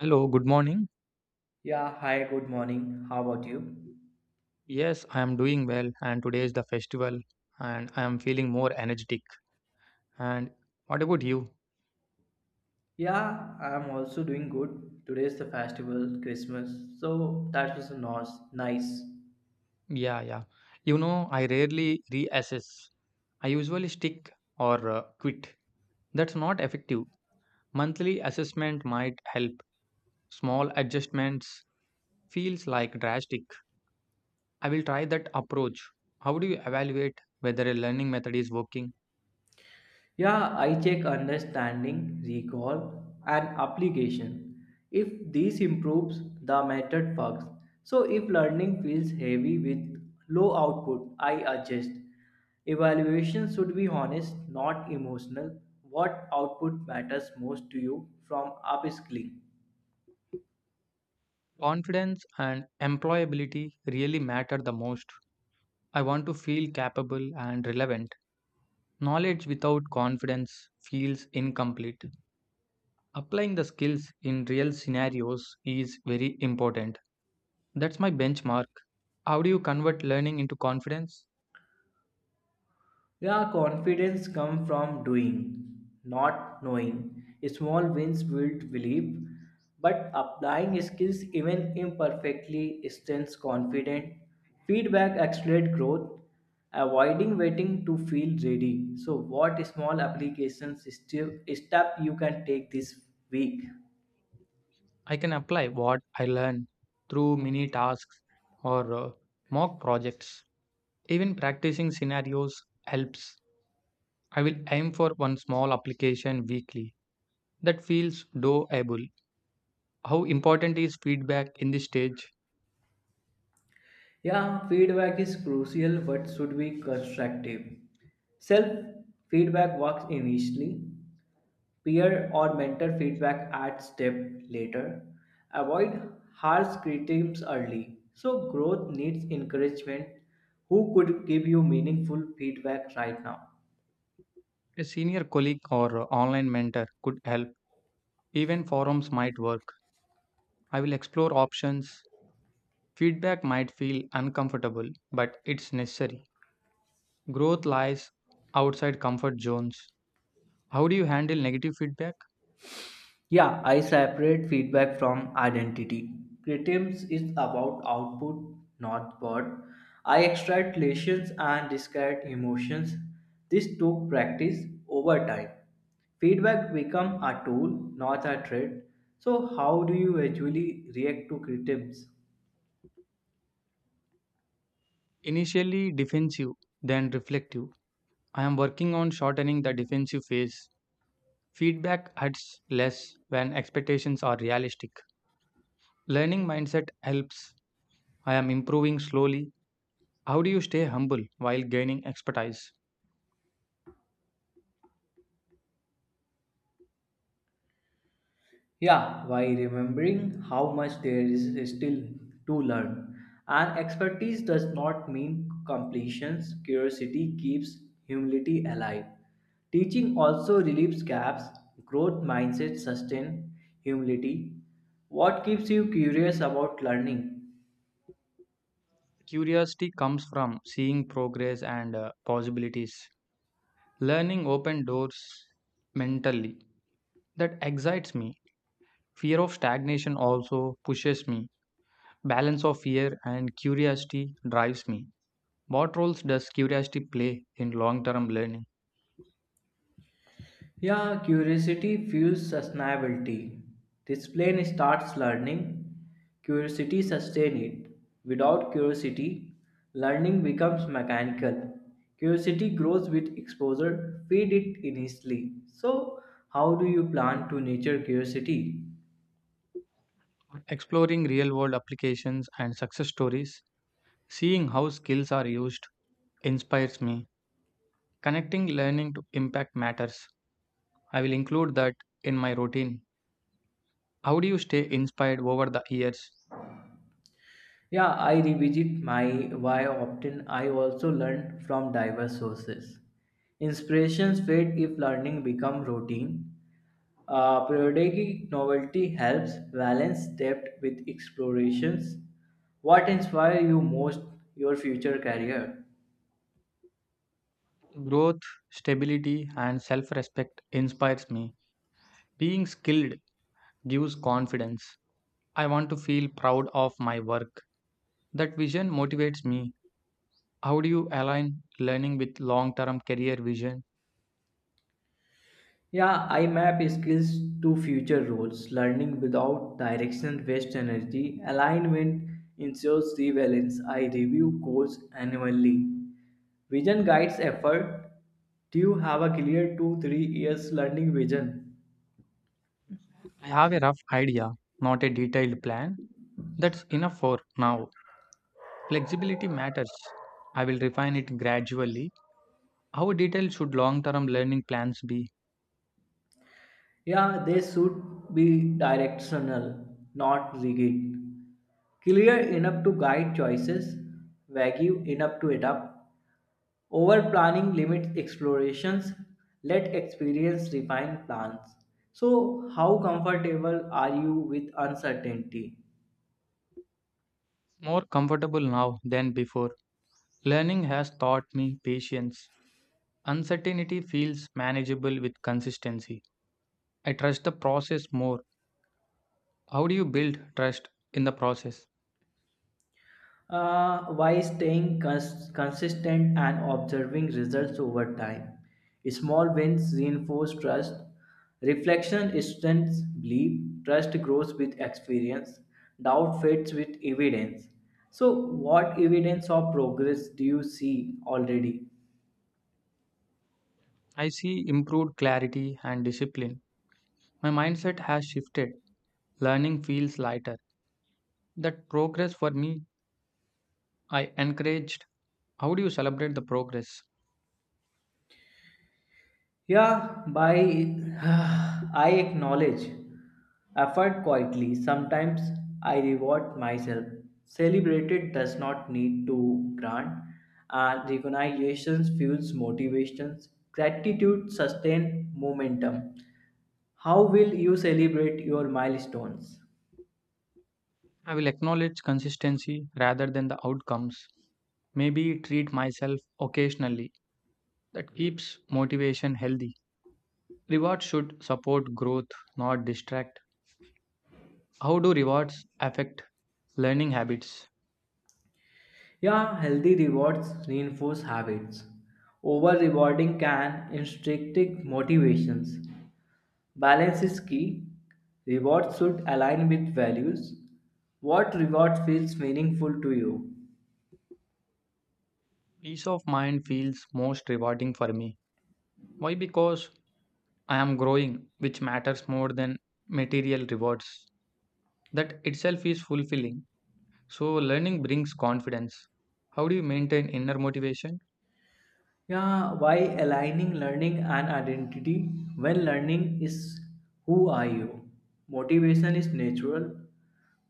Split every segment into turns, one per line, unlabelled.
Hello, good morning.
Yeah, hi, good morning. How about you?
Yes, I am doing well, and today is the festival, and I am feeling more energetic. And what about you?
Yeah, I'm also doing good. Today is the festival, Christmas, so that was nice.
Yeah, yeah. I rarely reassess. I usually stick or quit. That's not effective. Monthly assessment might help. Small adjustments feels like drastic. I will try that approach. How do you evaluate whether a learning method is working?
Yeah, I check understanding, recall, and application. If these improves, the method works. So if learning feels heavy with low output, I adjust. Evaluation should be honest, not emotional. What output matters most to you from upskilling?
Confidence and employability really matter the most. I want to feel capable and relevant. Knowledge without confidence feels incomplete. Applying the skills in real scenarios is very important. That's my benchmark. How do you convert learning into confidence?
Yeah, confidence comes from doing, not knowing. Small wins build belief, but applying skills even imperfectly strengthens confidence. Feedback accelerates growth, avoiding waiting to feel ready. So, what small applications still step you can take this week?
I can apply what I learn through mini tasks or mock projects. Even practicing scenarios helps. I will aim for one small application weekly that feels doable. How important is feedback in this stage?
Yeah, feedback is crucial but should be constructive. Self feedback works initially, peer or mentor feedback at step later. Avoid harsh criticisms early. So growth needs encouragement. Who could give you meaningful feedback right now?
A senior colleague or online mentor could help. Even forums might work. I will explore options. Feedback might feel uncomfortable, but it's necessary. Growth lies outside comfort zones. How do you handle negative feedback?
Yeah, I separate feedback from identity. Criticism is about output, not what. I extract lessons and discard emotions. This took practice over time. Feedback become a tool, not a threat. So, how do you actually react to criticism?
Initially defensive, then reflective. I am working on shortening the defensive phase. Feedback hurts less when expectations are realistic. Learning mindset helps. I am improving slowly. How do you stay humble while gaining expertise?
Yeah, by remembering how much there is still to learn. And expertise does not mean completions, curiosity keeps humility alive. Teaching also relieves gaps, growth mindset sustain humility. What keeps you curious about learning?
Curiosity comes from seeing progress and possibilities. Learning open doors mentally. That excites me. Fear of stagnation also pushes me. Balance of fear and curiosity drives me. What roles does curiosity play in long term learning?
Yeah, curiosity fuels sustainability. This plane starts learning, curiosity sustains it. Without curiosity, learning becomes mechanical. Curiosity grows with exposure, feed it initially. So, how do you plan to nurture curiosity?
Exploring real world applications and success stories, seeing how skills are used, inspires me. Connecting learning to impact matters. I will include that in my routine. How do you stay inspired over the years?
Yeah, I revisit my why often. I also learn from diverse sources. Inspirations fade if learning become routine. Periodic novelty helps balance depth with explorations. What inspires you most your future career?
Growth, stability, and self respect inspires me. Being skilled gives confidence. I want to feel proud of my work. That vision motivates me. How do you align learning with long term career vision?
Yeah, I map skills to future roles. Learning without direction wastes energy. Alignment ensures rebalance. I review goals annually. Vision guides effort. Do you have a clear two three years learning vision?
I have a rough idea, not a detailed plan. That's enough for now. Flexibility matters. I will refine it gradually. How detailed should long term learning plans be?
Yeah, they should be directional, not rigid. Clear enough to guide choices, vague enough to adapt. Over planning limits explorations, let experience refine plans. So, how comfortable are you with uncertainty?
More comfortable now than before. Learning has taught me patience. Uncertainty feels manageable with consistency. I trust the process more. How do you build trust in the process?
Why staying consistent and observing results over time. Small wins reinforce trust. Reflection strengthens belief. Trust grows with experience. Doubt fades with evidence. So, what evidence of progress do you see already?
I see improved clarity and discipline. My mindset has shifted. Learning feels lighter. That progress for me, I encouraged. How do you celebrate the progress?
Yeah, by I acknowledge effort quietly. Sometimes I reward myself. Celebrated does not need to grant, and recognition fuels motivations. Gratitude sustains momentum. How will you celebrate your milestones?
I will acknowledge consistency rather than the outcomes. Maybe treat myself occasionally. That keeps motivation healthy. Rewards should support growth, not distract. How do rewards affect learning habits?
Yeah, healthy rewards reinforce habits. Over rewarding can instigate motivations. Balance is key. Rewards should align with values. What reward feels meaningful to you?
Peace of mind feels most rewarding for me. Why? Because I am growing, which matters more than material rewards. That itself is fulfilling. So, learning brings confidence. How do you maintain inner motivation?
Yeah, why aligning learning and identity when learning is who are you? Motivation is natural.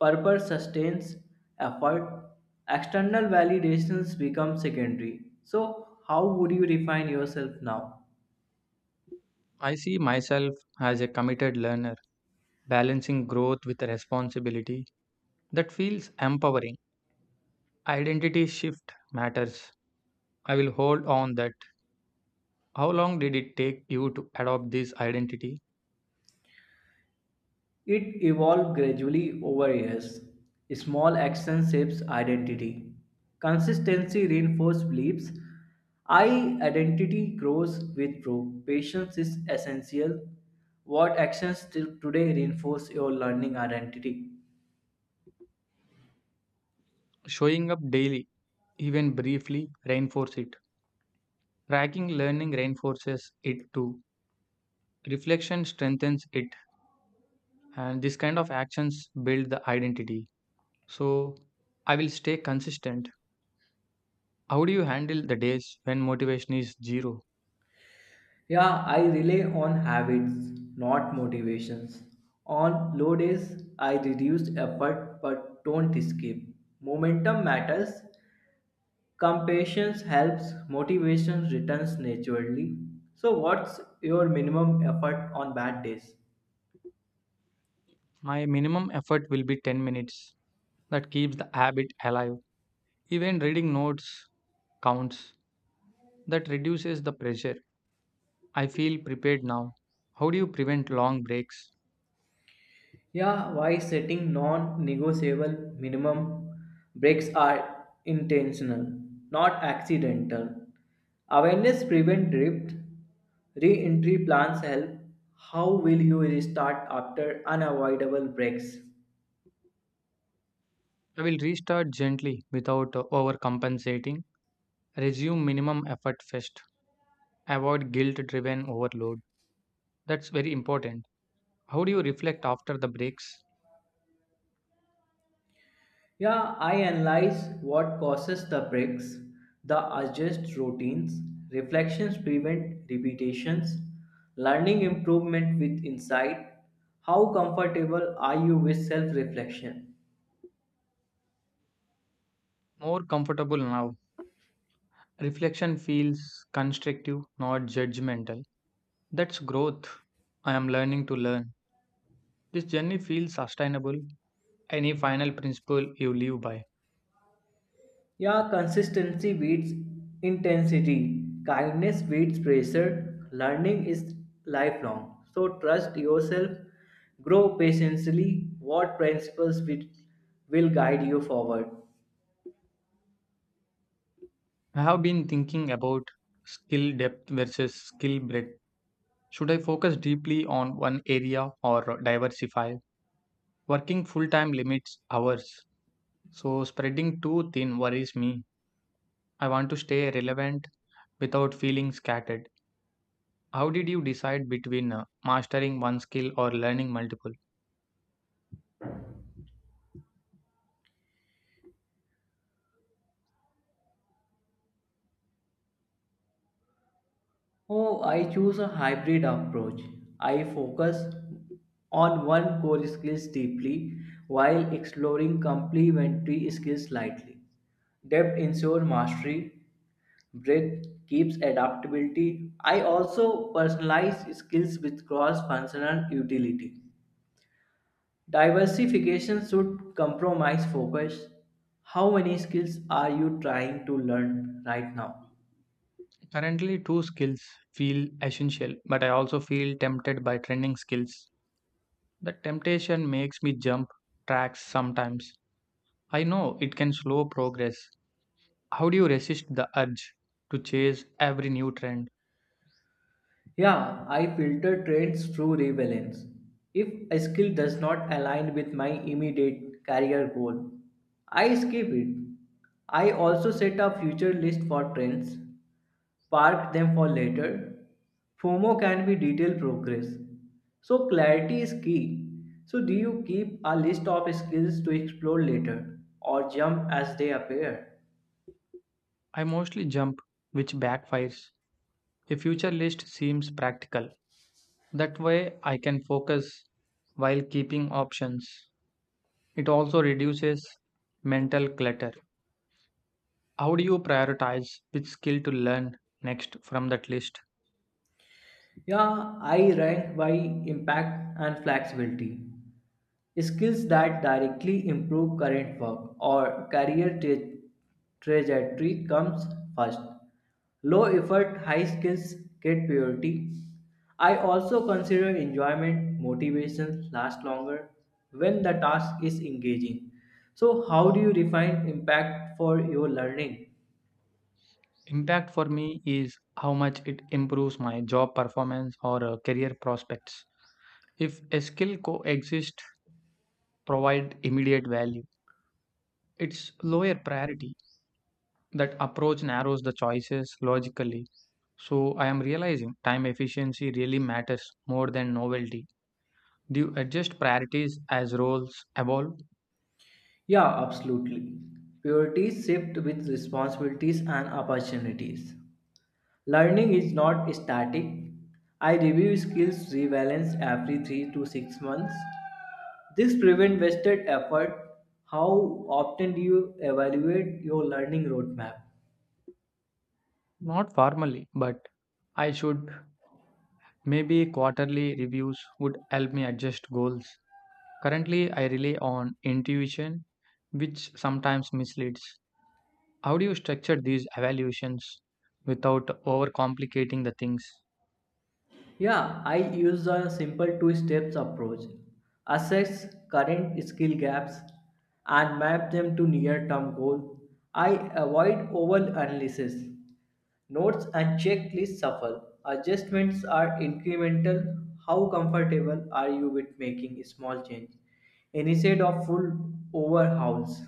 Purpose sustains effort. External validations become secondary. So, how would you define yourself now?
I see myself as a committed learner, balancing growth with responsibility. That feels empowering. Identity shift matters. I will hold on that. How long did it take you to adopt this identity?
It evolved gradually over years. Small actions shapes identity. Consistency reinforces beliefs. I identity grows with proof. Patience is essential. What actions till today reinforce your learning identity?
Showing up daily, even briefly, reinforce it. Tracking learning reinforces it too. Reflection strengthens it, and this kind of actions build the identity. So, I will stay consistent. How do you handle the days when motivation is zero?
Yeah, I rely on habits, not motivations. On low days, I reduce effort but don't skip. Momentum matters. Compassion helps, motivation returns naturally. So, what's your minimum effort on bad days?
My minimum effort will be 10 minutes. That keeps the habit alive. Even reading notes counts. That reduces the pressure. I feel prepared now. How do you prevent long breaks?
Yeah, why setting non negotiable minimum breaks are intentional, not accidental. Awareness prevent drift. Re entry plans help. How will you restart after unavoidable breaks?
I will restart gently without overcompensating. Resume minimum effort first. Avoid guilt driven overload. That's very important. How do you reflect after the breaks?
Yeah, I analyze what causes the breaks, the adjust routines, reflections prevent repetitions, learning improvement with insight. How comfortable are you with self reflection?
More comfortable now. Reflection feels constructive, not judgmental. That's growth. I am learning to learn. This journey feels sustainable. Any final principle you live by?
Yeah, consistency beats intensity, kindness beats pressure, learning is lifelong. So trust yourself, grow patiently. What principles will guide you forward?
I have been thinking about skill depth versus skill breadth. Should I focus deeply on one area or diversify? Working full time limits hours, so spreading too thin worries me. I want to stay relevant without feeling scattered. How did you decide between mastering one skill or learning multiple?
Oh, I choose a hybrid approach. I focus on one core skills deeply while exploring complementary skills lightly. Depth ensures mastery, breadth keeps adaptability. I also personalize skills with cross-functional utility. Diversification should compromise focus. How many skills are you trying to learn right now?
Currently, two skills feel essential, but I also feel tempted by trending skills. The temptation makes me jump tracks sometimes. I know it can slow progress. How do you resist the urge to chase every new trend?
Yeah, I filter trends through relevance. If a skill does not align with my immediate career goal, I skip it. I also set a future list for trends, park them for later. FOMO can be detailed progress. So clarity is key. So do you keep a list of skills to explore later or jump as they appear?
I mostly jump, which backfires. A future list seems practical. That way, I can focus while keeping options. It also reduces mental clutter. How do you prioritize which skill to learn next from that list?
Yeah, I rank by impact and flexibility. Skills that directly improve current work or career trajectory comes first. Low effort, high skills get priority. I also consider enjoyment, motivation last longer when the task is engaging. So, how do you define impact for your learning?
Impact for me is how much it improves my job performance or career prospects. If a skill coexist provide immediate value, it's lower priority. That approach narrows the choices logically. So I am realizing time efficiency really matters more than novelty. Do you adjust priorities as roles evolve?
Yeah, absolutely. Purity shift with responsibilities and opportunities. Learning is not static. I review skills rebalance every 3 to 6 months. This prevents wasted effort. How often do you evaluate your learning roadmap?
Not formally, but I should. Maybe quarterly reviews would help me adjust goals. Currently, I rely on intuition, which sometimes misleads. How do you structure these evaluations without overcomplicating the things?
Yeah, I use a simple two steps approach. Assess current skill gaps and map them to near term goal. I avoid over analysis. Notes and checklists suffer. Adjustments are incremental. How comfortable are you with making small change instead of full overhauls?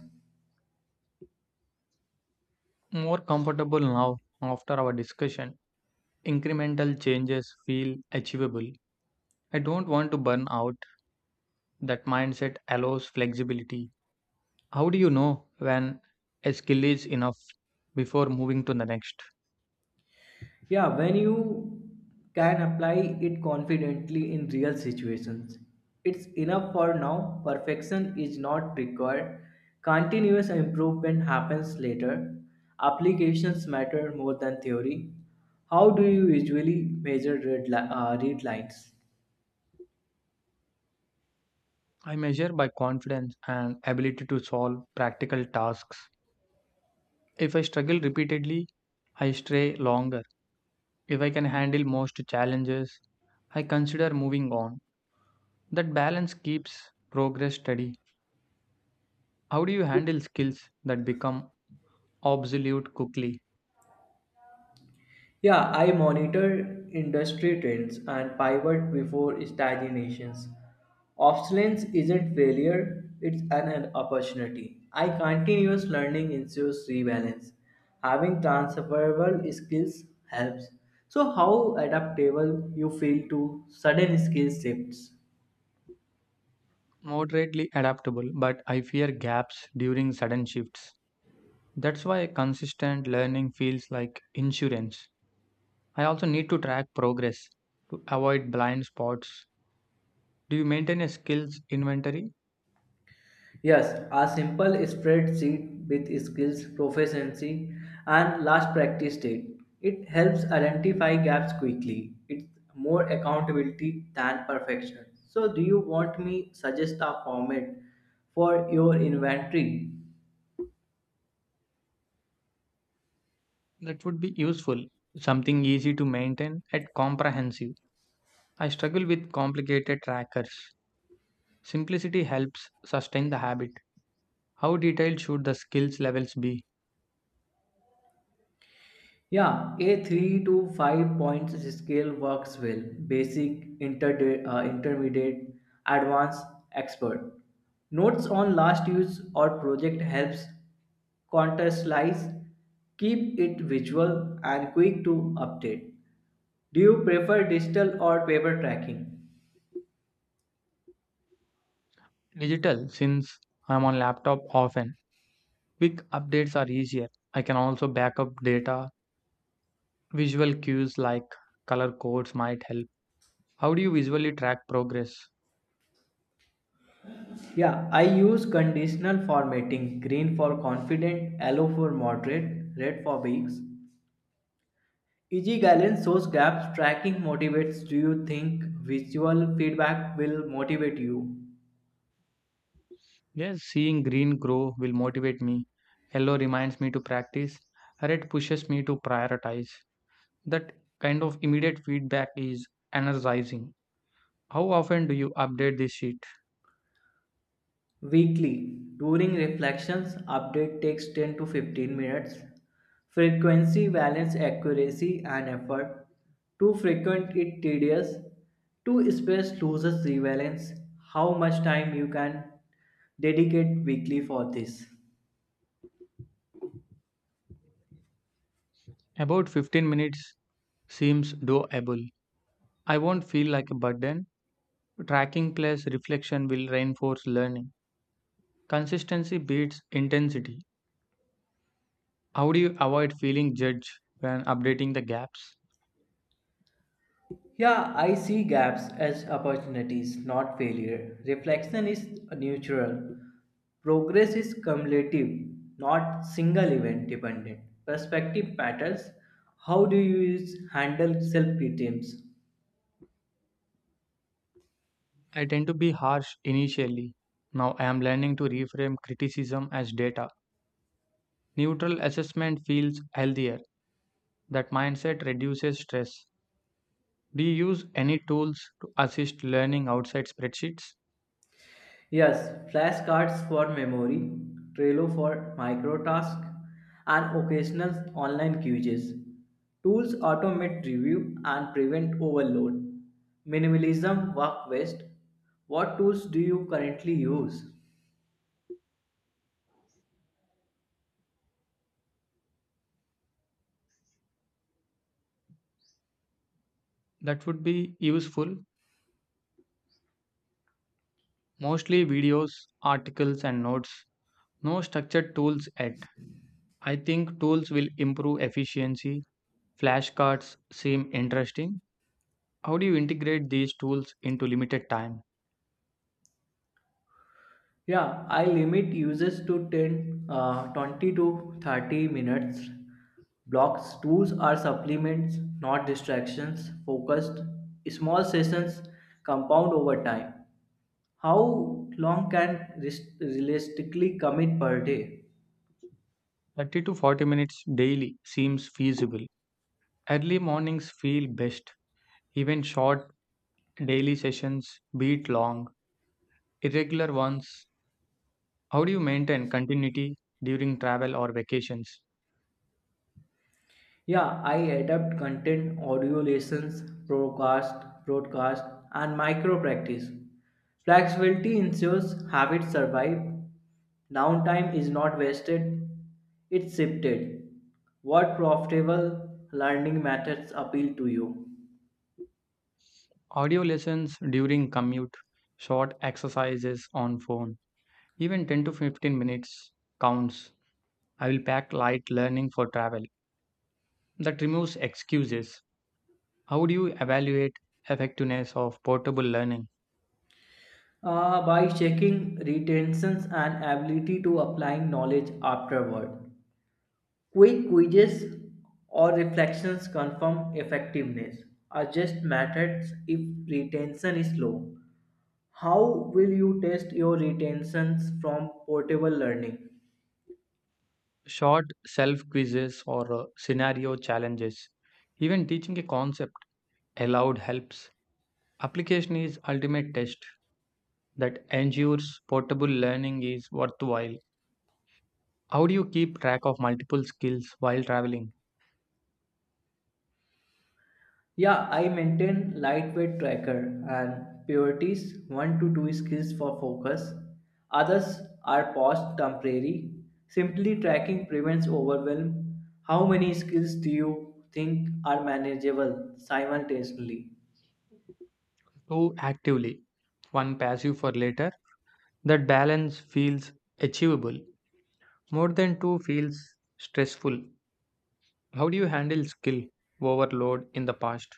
More comfortable now after our discussion. Incremental changes feel achievable. I don't want to burn out. That mindset allows flexibility. How do you know when a skill is enough before moving to the next?
Yeah, when you can apply it confidently in real situations, it's enough for now. Perfection is not required. Continuous improvement happens later. Applications matter more than theory. How do you usually measure read lines?
I measure by confidence and ability to solve practical tasks. If I struggle repeatedly, I stray longer. If I can handle most challenges, I consider moving on. That balance keeps progress steady. How do you handle skills that become obsolete quickly?
Yeah, I monitor industry trends and pivot before stagnations. Obsolescence isn't failure, it's an opportunity. I continuous learning ensures rebalance. Having transferable skills helps. So how adaptable you feel to sudden skill shifts?
Moderately adaptable, but I fear gaps during sudden shifts. That's why consistent learning feels like insurance. I also need to track progress to avoid blind spots. Do you maintain a skills inventory?
Yes, a simple spreadsheet with skills, proficiency, and last practice date. It helps identify gaps quickly. It's more accountability than perfection. So, do you want me suggest a format for your inventory?
That would be useful. Something easy to maintain and comprehensive. I struggle with complicated trackers. Simplicity helps sustain the habit. How detailed should the skills levels be?
Yeah, A3 to 5 points scale works well. Basic, intermediate, advanced, expert. Notes on last use or project helps contextualize, keep it visual and quick to update. Do you prefer digital or paper tracking?
Digital, since I'm on laptop often. Quick updates are easier. I can also back up data. Visual cues like color codes might help. How do you visually track progress?
Yeah, I use conditional formatting, green for confident, yellow for moderate, red for weeks. EG guidance shows gaps tracking motivates. Do you think visual feedback will motivate you?
Yes, seeing green grow will motivate me. Yellow reminds me to practice. Red pushes me to prioritize. That kind of immediate feedback is energizing. How often do you update this sheet?
Weekly, during reflections, update takes 10 to 15 minutes. Frequency, balance, accuracy, and effort. Too frequent, it tedious. Too space loses relevance. How much time you can dedicate weekly for this?
About 15 minutes seems doable. I won't feel like a burden. Tracking plus reflection will reinforce learning. Consistency beats intensity. How do you avoid feeling judged when updating the gaps?
Yeah, I see gaps as opportunities, not failure. Reflection is neutral. Progress is cumulative, not single event dependent. Perspective matters. How do you handle self criticism?
I tend to be harsh initially. Now I am learning to reframe criticism as data. Neutral assessment feels healthier. That mindset reduces stress. Do you use any tools to assist learning outside spreadsheets?
Yes, flashcards for memory, Trello for micro tasks, and occasional online quizzes. Tools automate review and prevent overload. Minimalism work best. What tools do you currently use?
That would be useful. Mostly videos, articles, and notes. No structured tools yet. I think tools will improve efficiency. Flashcards seem interesting. How do you integrate these tools into limited time?
Yeah, I limit uses to 10, 20 to 30 minutes. Blocks, tools are supplements, not distractions, focused, small sessions compound over time. How long can realistically commit per day?
30 to 40 minutes daily seems feasible. Early mornings feel best. Even short daily sessions beat long, irregular ones. How do you maintain continuity during travel or vacations?
Yeah, I adapt content, audio lessons, broadcast, and micro practice. Flexibility ensures habits survive. Downtime is not wasted, it's shifted. What profitable learning methods appeal to you?
Audio lessons during commute, short exercises on phone. Even 10 to 15 minutes counts. I will pack light learning for travel. That removes excuses. How do you evaluate effectiveness of portable learning?
By checking retentions and ability to applying knowledge afterward. Quick quizzes or reflections confirm effectiveness. Adjust methods if retention is low. How will you test your retentions from portable learning?
Short self quizzes or scenario challenges. Even teaching a concept aloud helps. Application is ultimate test that ensures portable learning is worthwhile. How do you keep track of multiple skills while traveling?
Yeah, I maintain lightweight tracker and priorities 1 to 2 skills for focus. Others are paused temporary. Simply tracking prevents overwhelm. How many skills do you think are manageable simultaneously?
Two actively, one passive for later. That balance feels achievable. More than two feels stressful. How do you handle skill overload in the past?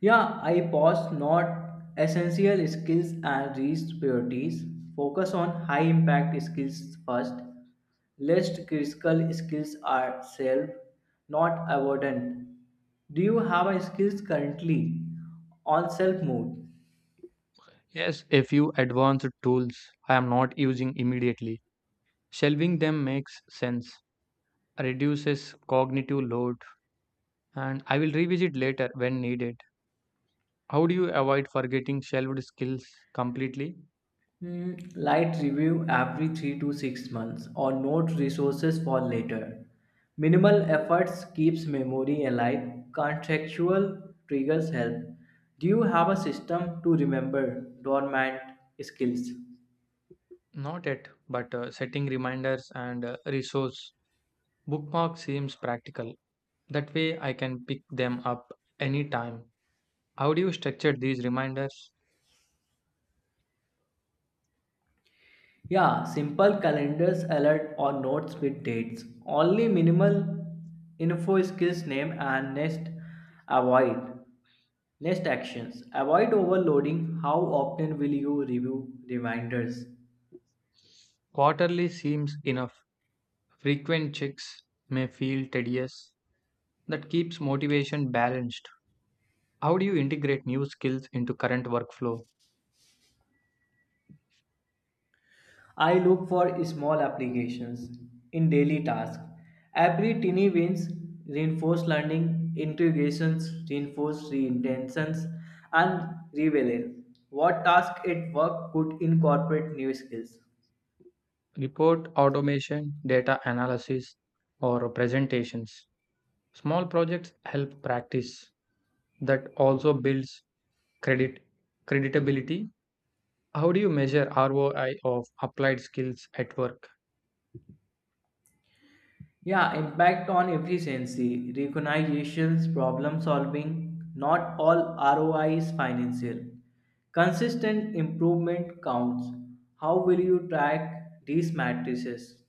Yeah, I paused not essential skills and reached priorities. Focus on high impact skills first. Least critical skills are self, not avoidant. Do you have a skills currently on self mode?
Yes, a few advanced tools I am not using immediately. Shelving them makes sense, reduces cognitive load, and I will revisit later when needed. How do you avoid forgetting shelved skills completely?
Hmm, light review every 3 to 6 months or note resources for later. Minimal efforts keeps memory alive. Contextual triggers help. Do you have a system to remember dormant skills?
Not yet, but setting reminders and resource bookmark seems practical. That way I can pick them up anytime. How do you structure these reminders?
Yeah, simple calendars alert or notes with dates. Only minimal info skills name and next avoid. Next actions. Avoid overloading. How often will you review reminders?
Quarterly seems enough. Frequent checks may feel tedious that keeps motivation balanced. How do you integrate new skills into current workflow?
I look for small applications in daily tasks. Every tiny wins reinforce learning, integrations reinforce reintentions, and reveal what task at work could incorporate new skills.
Report automation, data analysis, or presentations. Small projects help practice that also builds credit creditability. How do you measure ROI of applied skills at work?
Yeah, impact on efficiency, recognitions, problem solving. Not all ROI is financial. Consistent improvement counts. How will you track these matrices?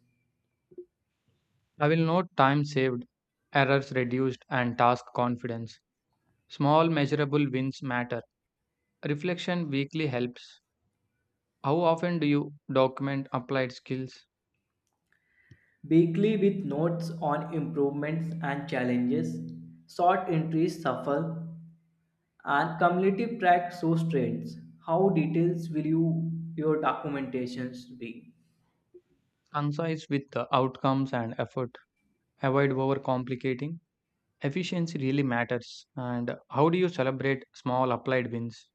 I will note time saved, errors reduced, and task confidence. Small measurable wins matter. Reflection weekly helps. How often do you document applied skills?
Weekly with notes on improvements and challenges. Short entries suffer, and community track shows trends. How details will you your documentations be?
Concise with the outcomes and effort. Avoid overcomplicating. Efficiency really matters. And how do you celebrate small applied wins?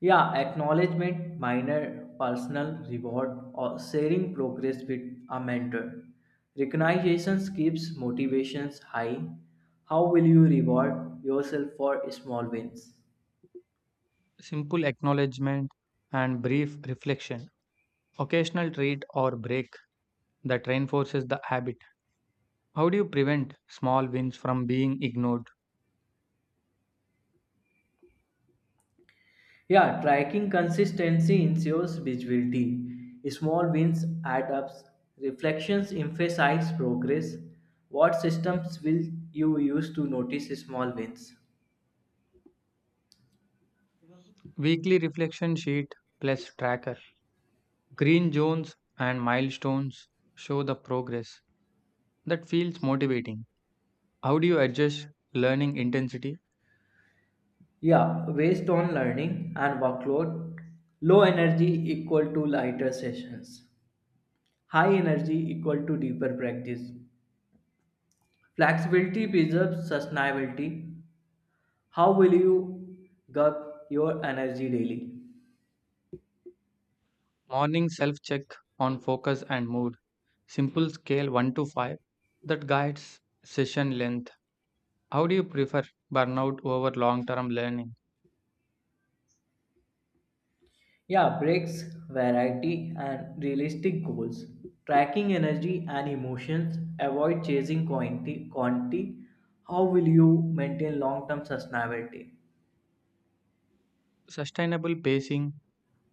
Yeah, acknowledgement, minor personal reward, or sharing progress with a mentor. Recognitions keeps motivations high. How will you reward yourself for small wins?
Simple acknowledgement and brief reflection. Occasional treat or break that reinforces the habit. How do you prevent small wins from being ignored?
Yeah, tracking consistency ensures visibility. Small wins add up. Reflections emphasize progress. What systems will you use to notice small wins?
Weekly reflection sheet plus tracker. Green zones and milestones show the progress. That feels motivating. How do you adjust learning intensity?
Yeah, based on learning and workload, low energy equal to lighter sessions, high energy equal to deeper practice. Flexibility preserves sustainability. How will you guard your energy daily?
Morning self check on focus and mood. Simple scale 1 to 5 that guides session length. How do you prefer burnout over long term learning?
Yeah, breaks, variety, and realistic goals. Tracking energy and emotions, avoid chasing quantity. How will you maintain long term sustainability?
Sustainable pacing,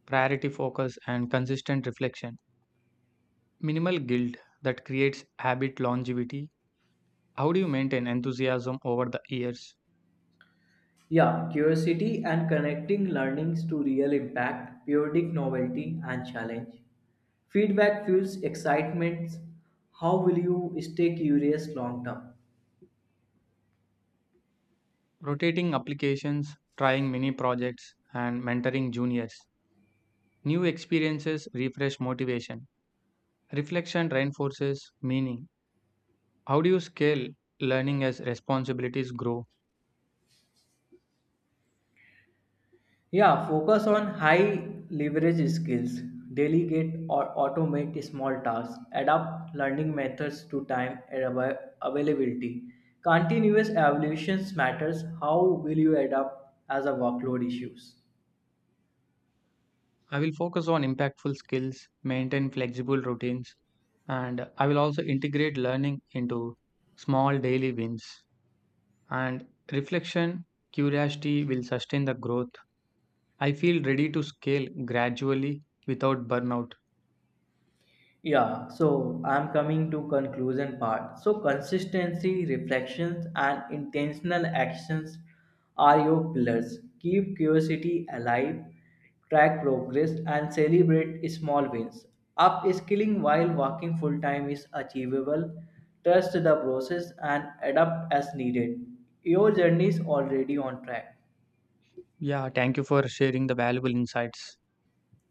priority focus, and consistent reflection. Minimal guilt that creates habit longevity. How do you maintain enthusiasm over the years?
Yeah, curiosity and connecting learnings to real impact, periodic novelty, and challenge. Feedback fuels excitement. How will you stay curious long term?
Rotating applications, trying mini projects, and mentoring juniors. New experiences refresh motivation. Reflection reinforces meaning. How do you scale learning as responsibilities grow?
Yeah, focus on high leverage skills, delegate or automate small tasks, adapt learning methods to time and availability. Continuous evaluations matters. How will you adapt as a workload issues?
I will focus on impactful skills, maintain flexible routines, and I will also integrate learning into small daily wins. And reflection, curiosity will sustain the growth. I feel ready to scale gradually without burnout.
Yeah, so I'm coming to conclusion part. So consistency, reflections and intentional actions are your pillars. Keep curiosity alive, track progress and celebrate small wins. Upskilling while working full time is achievable. Trust the process and adapt as needed. Your journey is already on track.
Yeah, thank you for sharing the valuable insights.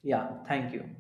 Yeah, thank you.